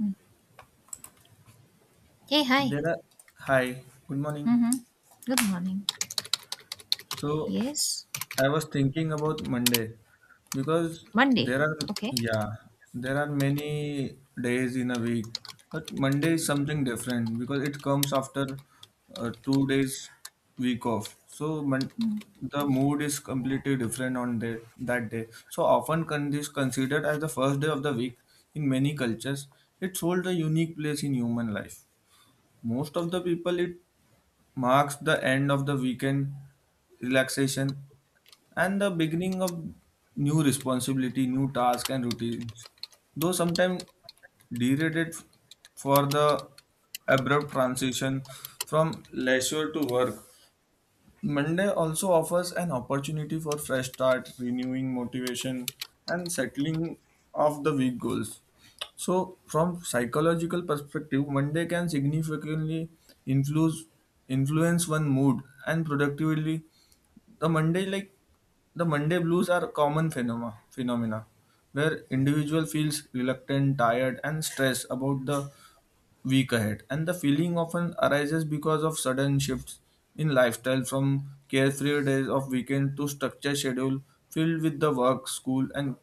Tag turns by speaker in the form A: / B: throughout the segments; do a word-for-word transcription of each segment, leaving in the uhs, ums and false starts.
A: Mm. Hey, hi.
B: There are, hi, good morning.
A: Mhm. Good morning.
B: So
A: Yes.
B: I was thinking about Monday because
A: Monday.
B: there are,
A: Okay.
B: yeah, there are many days in a week, but Monday is something different because it comes after uh, two days week off. So mon-
A: Mm.
B: the mood is completely different on that that day. So often con- is considered as the first day of the week in many cultures. It holds a unique place in human life. Most of the people it marks the end of the weekend relaxation and the beginning of new responsibility, new tasks and routines. Though sometimes derated f- for the abrupt transition from leisure to work. Monday also offers an opportunity for fresh start, renewing motivation, and settling of the week goals. So, from psychological perspective, Monday can significantly influence influence one mood and productivity. The Monday like the Monday blues are a common phenomena phenomena where individual feels reluctant, tired, and stressed about the week ahead. And the feeling often arises because of sudden shifts in lifestyle from carefree days of weekend to structured schedule filled with the work, school and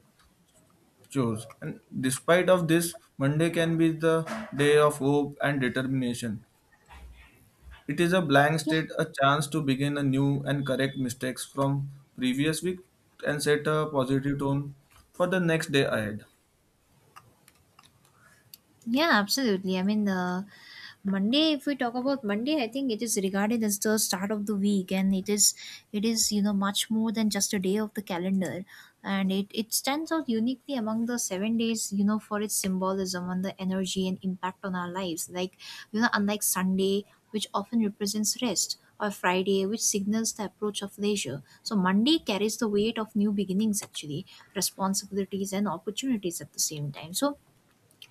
B: chores. And despite of this, Monday can be the day of hope and determination. It is a blank
A: Yeah,
B: state, a chance to begin a new and correct mistakes from previous week and set a positive tone for the next day ahead.
A: Yeah, absolutely. I mean, uh, Monday. If we talk about Monday, I think it is regarded as the start of the week, and it is it is you know much more than just a day of the calendar, and it it stands out uniquely among the seven days. You know, for its symbolism and the energy and impact on our lives. Like you know, unlike Sunday, which often represents rest. Or Friday, which signals the approach of leisure. So Monday carries the weight of new beginnings, actually, responsibilities and opportunities at the same time. So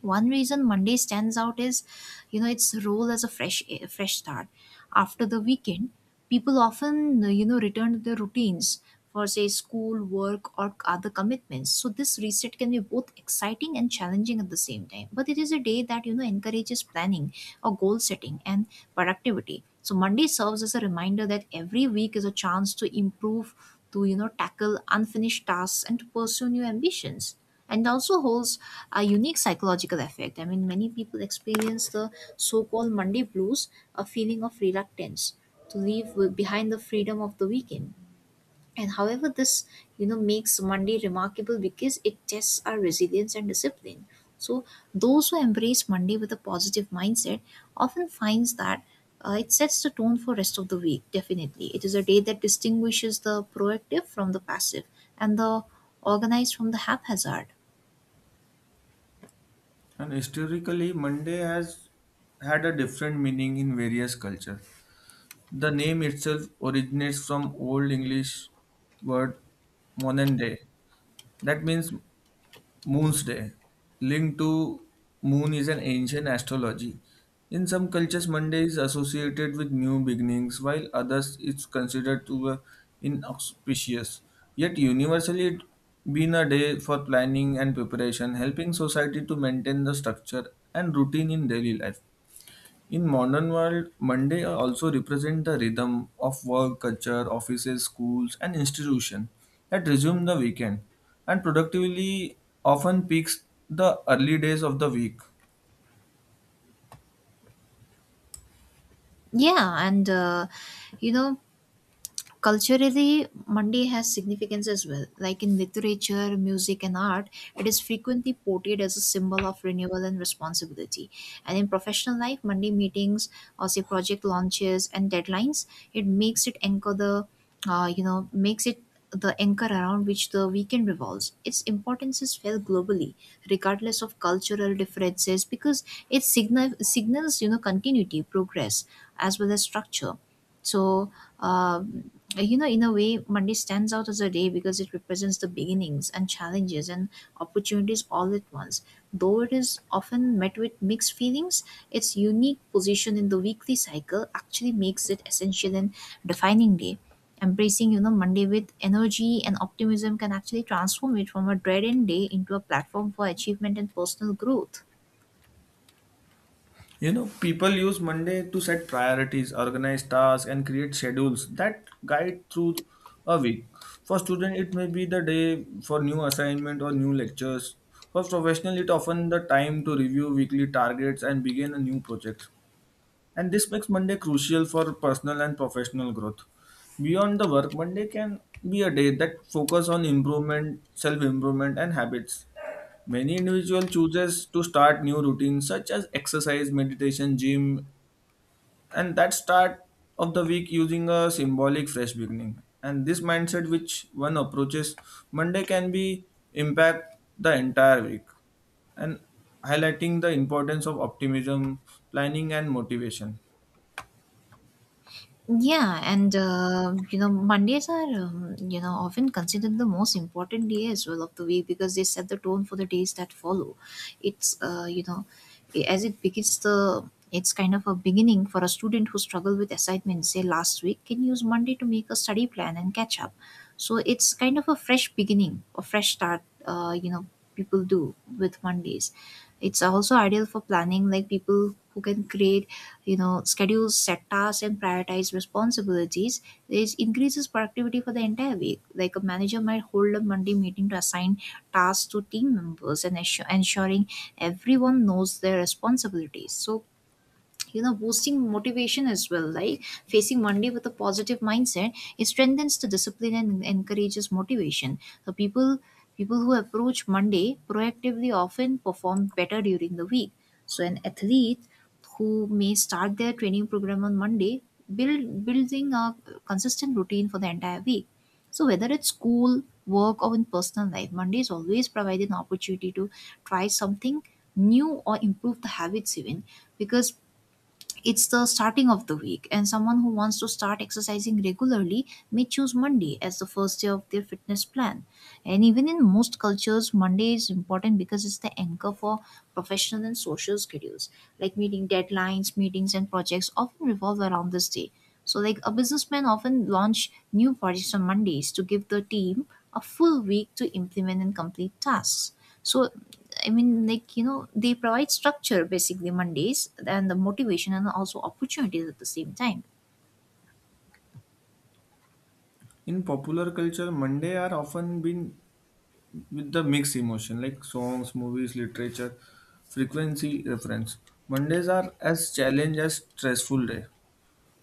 A: one reason Monday stands out is, you know, its role as a fresh a fresh start. After the weekend, people often, you know, return to their routines for say school, work, or other commitments. So this reset can be both exciting and challenging at the same time. But it is a day that you know encourages planning or goal setting and productivity. So Monday serves as a reminder that every week is a chance to improve, to you know tackle unfinished tasks and to pursue new ambitions and also holds a unique psychological effect. I mean, many people experience the so called Monday blues, a feeling of reluctance to leave w- behind the freedom of the weekend. And however, this you know makes Monday remarkable because it tests our resilience and discipline. So those who embrace Monday with a positive mindset often finds that uh, it sets the tone for rest of the week. Definitely, it is a day that distinguishes the proactive from the passive and the organized from the haphazard.
B: And historically, Monday has had a different meaning in various cultures. The name itself originates from Old English word "monende," that means moon's day. Linked to moon is an ancient astrology. In some cultures, Monday is associated with new beginnings, while others it's considered to be inauspicious. Yet universally, it been a day for planning and preparation, helping society to maintain the structure and routine in daily life. In modern world, Monday also represent the rhythm of work, culture, offices, schools, and institution that resume the weekend and productively often peaks the early days of the week.
A: Yeah, and uh, you know, culturally, Monday has significance as well. Like in literature, music, and art, it is frequently portrayed as a symbol of renewal and responsibility. And in professional life, Monday meetings or say project launches and deadlines, it makes it anchor the, uh, you know, makes it the anchor around which the weekend revolves. Its importance is felt globally, regardless of cultural differences, because it signal, signals, you know, continuity, progress, as well as structure. So, um, uh, you know, in a way, Monday stands out as a day because it represents the beginnings and challenges and opportunities all at once. Though it is often met with mixed feelings, its unique position in the weekly cycle actually makes it essential and defining day. Embracing, you know, Monday with energy and optimism can actually transform it from a dead end day into a platform for achievement and personal growth.
B: You know, people use Monday to set priorities, organize tasks, and create schedules that guide through a week. For student, it may be the day for new assignment or new lectures. For professional, it often the time to review weekly targets and begin a new project. And this makes Monday crucial for personal and professional growth. Beyond the work, Monday can be a day that focus on improvement, self-improvement and habits. Many individual chooses to start new routines such as exercise, meditation, gym and that start of the week using a symbolic fresh beginning. And this mindset which one approaches Monday can be impact the entire week and highlighting the importance of optimism, planning and motivation.
A: Yeah, and uh, you know Mondays are um, you know often considered the most important day as well of the week because they set the tone for the days that follow. It's uh, you know i- as it begins the it's kind of a beginning for a student who struggled with assignment say last week can use Monday to make a study plan and catch up. So it's kind of a fresh beginning, a fresh start. Uh, you know people do with Mondays. It's also ideal for planning like people who can create you know schedules set tasks and prioritize responsibilities. This increases productivity for the entire week like a manager might hold a Monday meeting to assign tasks to team members and assure, ensuring everyone knows their responsibilities, so you know boosting motivation as well. Like facing Monday with a positive mindset, it strengthens the discipline and encourages motivation. So people people who approach Monday proactively often perform better during the week. So an athlete who may start their training program on Monday, build building a consistent routine for the entire week. So whether it's school, work, or in personal life, Mondays always provide an opportunity to try something new or improve the habits even, because it's the starting of the week, and someone who wants to start exercising regularly may choose Monday as the first day of their fitness plan. And even in most cultures Monday is important because it's the anchor for professional and social schedules, like meeting deadlines, meetings, and projects, often revolve around this day. So, like a businessman often launch new projects on Mondays to give the team a full week to implement and complete tasks. So, I mean, like you know, they provide structure basically Mondays and the motivation and also opportunities at the same time.
B: In popular culture, Monday are often been with the mixed emotion like songs, movies, literature, frequency, reference. Mondays are as challenge as stressful day.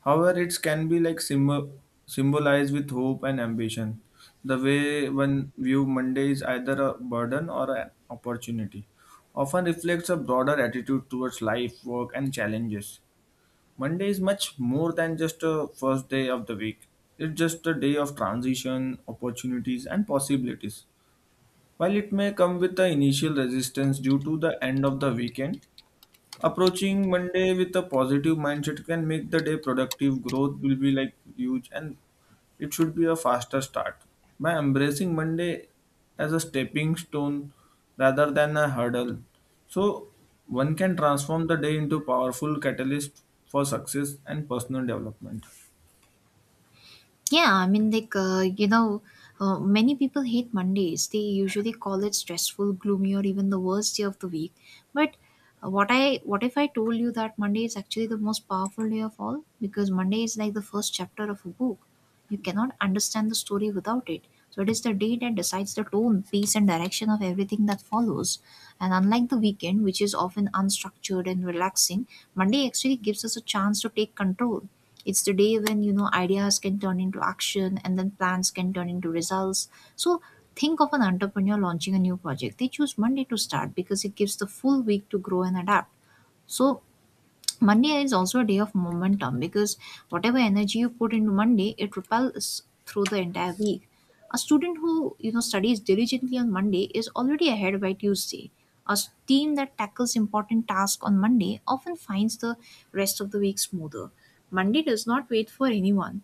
B: However, it can be like symbol symbolized with hope and ambition. The way one view Monday is either a burden or an opportunity, often reflects a broader attitude towards life, work, and challenges. Monday is much more than just a first day of the week. It's just a day of transition, opportunities, and possibilities. While it may come with the initial resistance due to the end of the weekend, approaching Monday with a positive mindset can make the day productive. Growth will be like huge and it should be a faster start. By embracing Monday as a stepping stone rather than a hurdle, so one can transform the day into powerful catalyst for success and personal development.
A: Yeah, I mean, like, uh, you know, uh, many people hate Mondays. They usually call it stressful, gloomy, or even the worst day of the week. But uh, what I what if I told you that Monday is actually the most powerful day of all? Because Monday is like the first chapter of a book. You cannot understand the story without it. So it is the day that decides the tone, pace, and direction of everything that follows. And unlike the weekend, which is often unstructured and relaxing, Monday actually gives us a chance to take control. It's the day when, you know, ideas can turn into action and then plans can turn into results. So think of an entrepreneur launching a new project. They choose Monday to start because it gives the full week to grow and adapt. So Monday is also a day of momentum because whatever energy you put into Monday, it repels through the entire week. A student who you know studies diligently on Monday is already ahead by Tuesday. A s- team that tackles important tasks on Monday often finds the rest of the week smoother. Monday does not wait for anyone.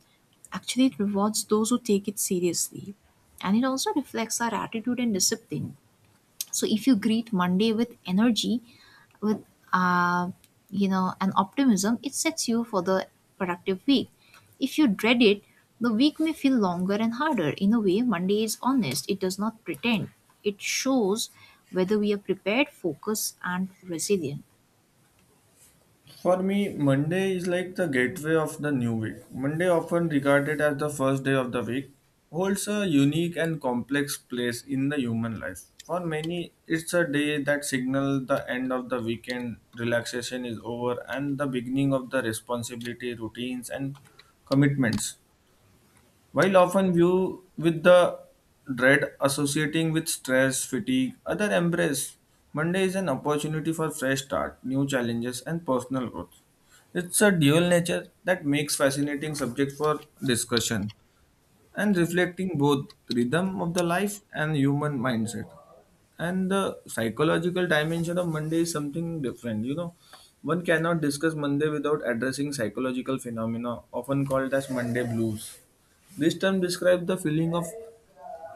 A: Actually, it rewards those who take it seriously. And it also reflects our attitude and discipline. So if you greet Monday with energy, with uh, you know an optimism, it sets you for the productive week. If you dread it, the week may feel longer and harder. In a way Monday is honest, it does not pretend. It shows whether we are prepared, focused, and resilient.
B: For me, Monday is like the gateway of the new week. Monday, often regarded as the first day of the week, holds a unique and complex place in the human life. For many, it's a day that signals the end of the weekend, relaxation is over, and the beginning of the responsibility, routines, and commitments. While often viewed with the dread associating with stress, fatigue, other embrace Monday is an opportunity for fresh start, new challenges, and personal growth. It's a dual nature that makes fascinating subject for discussion and reflecting both rhythm of the life and human mindset and the psychological dimension of Monday is something different. You know, one cannot discuss Monday without addressing psychological phenomena often called as Monday blues. This term describes the feeling of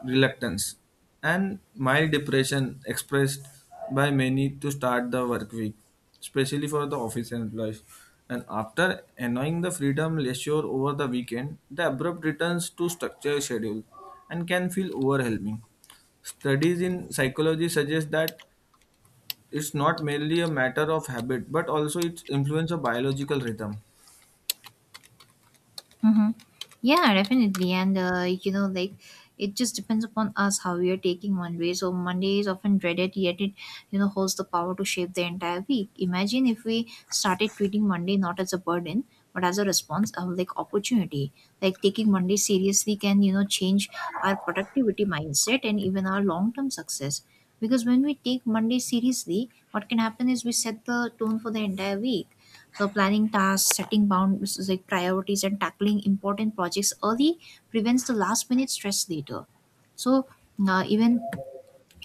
B: reluctance and mild depression expressed by many to start the work week, especially for the office employees. And after enjoying the freedom leisure over the weekend, the abrupt returns to structure schedule and can feel overwhelming. Studies in psychology suggest that it's not merely a matter of habit, but also its influence of biological rhythm.
A: Mm-hmm. Yeah, definitely. And, uh, you know, like, it just depends upon us how we are taking Monday. So, Monday is often dreaded, yet it, you know, holds the power to shape the entire week. Imagine if we started treating Monday not as a burden, but as a response of, like, opportunity. Like, taking Monday seriously can, you know, change our productivity mindset and even our long term success. Because when we take Monday seriously, what can happen is we set the tone for the entire week, so planning tasks, setting bounds like priorities, and tackling important projects early prevents the last minute stress later. So uh, even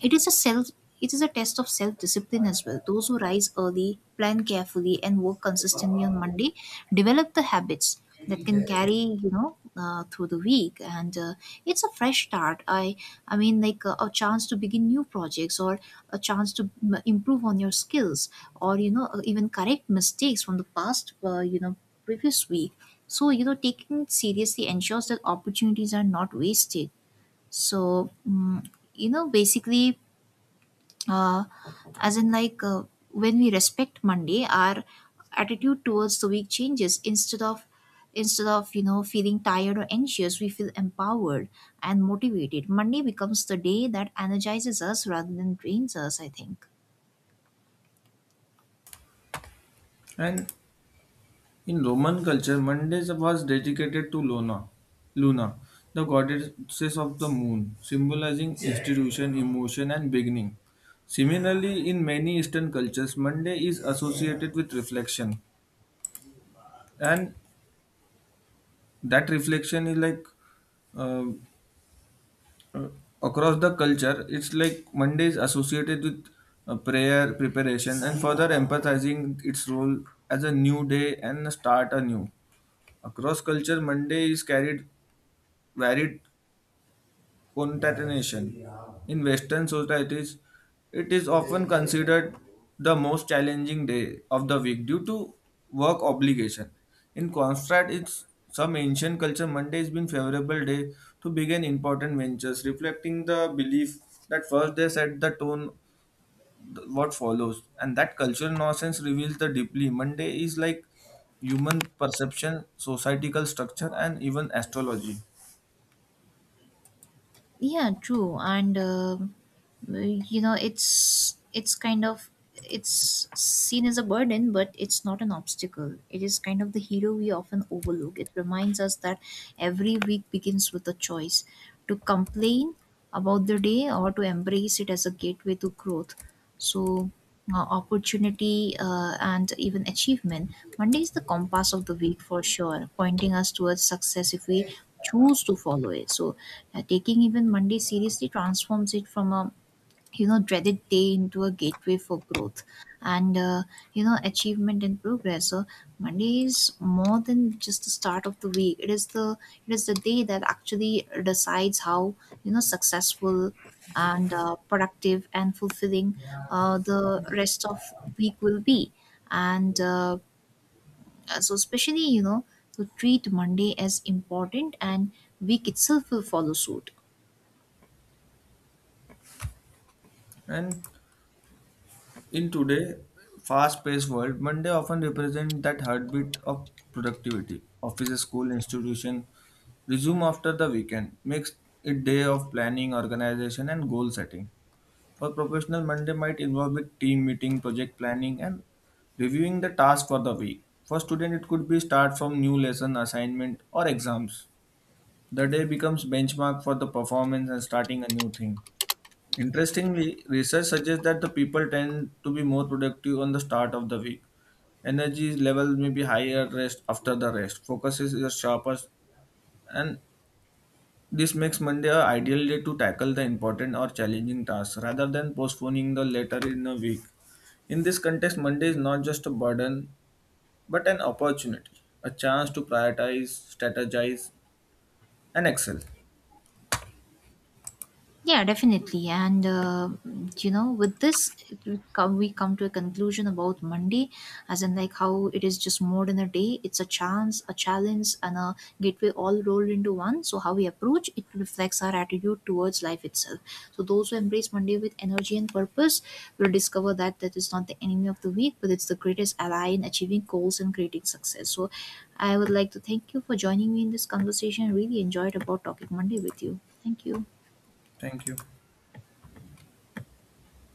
A: it is a self it is a test of self-discipline as well. Those who rise early, plan carefully, and work consistently on Monday develop the habits that can carry you know uh, through the week and uh, it's a fresh start. I I mean like a, a chance to begin new projects or a chance to m- improve on your skills or you know uh, even correct mistakes from the past uh, you know previous week. So you know taking it seriously ensures that opportunities are not wasted. So mm, you know basically uh, as in like uh, when we respect Monday our attitude towards the week changes, instead of instead of you know feeling tired or anxious we feel empowered and motivated. Monday becomes the day that energizes us rather than drains us, I think.
B: And in Roman culture, Monday was dedicated to Luna, Luna, the goddesses of the moon, symbolizing institution, emotion, and beginning. Similarly, in many Eastern cultures, Monday is associated with reflection, and that reflection is like uh, across the culture. It's like Monday is associated with uh, prayer, preparation, and further emphasizing its role as a new day and start anew. Across culture, Monday is carried varied concatenation. In Western societies, it is often considered the most challenging day of the week due to work obligation. In contrast, it's some ancient culture Monday has been favorable day to begin important ventures, reflecting the belief that first they set the tone th- what follows, and that cultural nonsense reveals the deeply. Monday is like human perception, societal structure, and even astrology.
A: Yeah, true. And uh, you know it's it's kind of it's seen as a burden but it's not an obstacle, it is kind of the hero we often overlook. It reminds us that every week begins with a choice to complain about the day or to embrace it as a gateway to growth. So, uh, opportunity uh, and even achievement. Monday is the compass of the week for sure, pointing us towards success if we choose to follow it. So, uh, taking even Monday seriously transforms it from a you know dreaded day into a gateway for growth and uh, you know achievement and progress. So Monday is more than just the start of the week, it is the it is the day that actually decides how you know successful and uh, productive and fulfilling uh, the rest of week will be. And uh, so especially you know to treat Monday as important and week itself will follow suit.
B: And in today fast-paced world, Monday often represents that heartbeat of productivity. Office, school, institution resume after the weekend, makes it day of planning, organization, and goal setting. For professional, Monday might involve with team meeting, project planning, and reviewing the task for the week. For student, it could be start from new lesson, assignment, or exams. The day becomes benchmark for the performance and starting a new thing. Interestingly, research suggests that the people tend to be more productive on the start of the week. Energy levels may be higher rest after the rest. Focus is the sharpest, and this makes Monday an ideal day to tackle the important or challenging tasks rather than postponing the later in the week. In this context, Monday is not just a burden but an opportunity, a chance to prioritize, strategize, and excel.
A: Yeah, definitely. And, uh, you know, with this, it will come, we come to a conclusion about Monday, as in, like, how it is just more than a day. It's a chance, a challenge, and a gateway all rolled into one. So, how we approach it reflects our attitude towards life itself. So, those who embrace Monday with energy and purpose will discover that that is not the enemy of the week, but it's the greatest ally in achieving goals and creating success. So, I would like to thank you for joining me in this conversation. Really enjoyed about talking Monday with you. Thank you.
B: Thank you.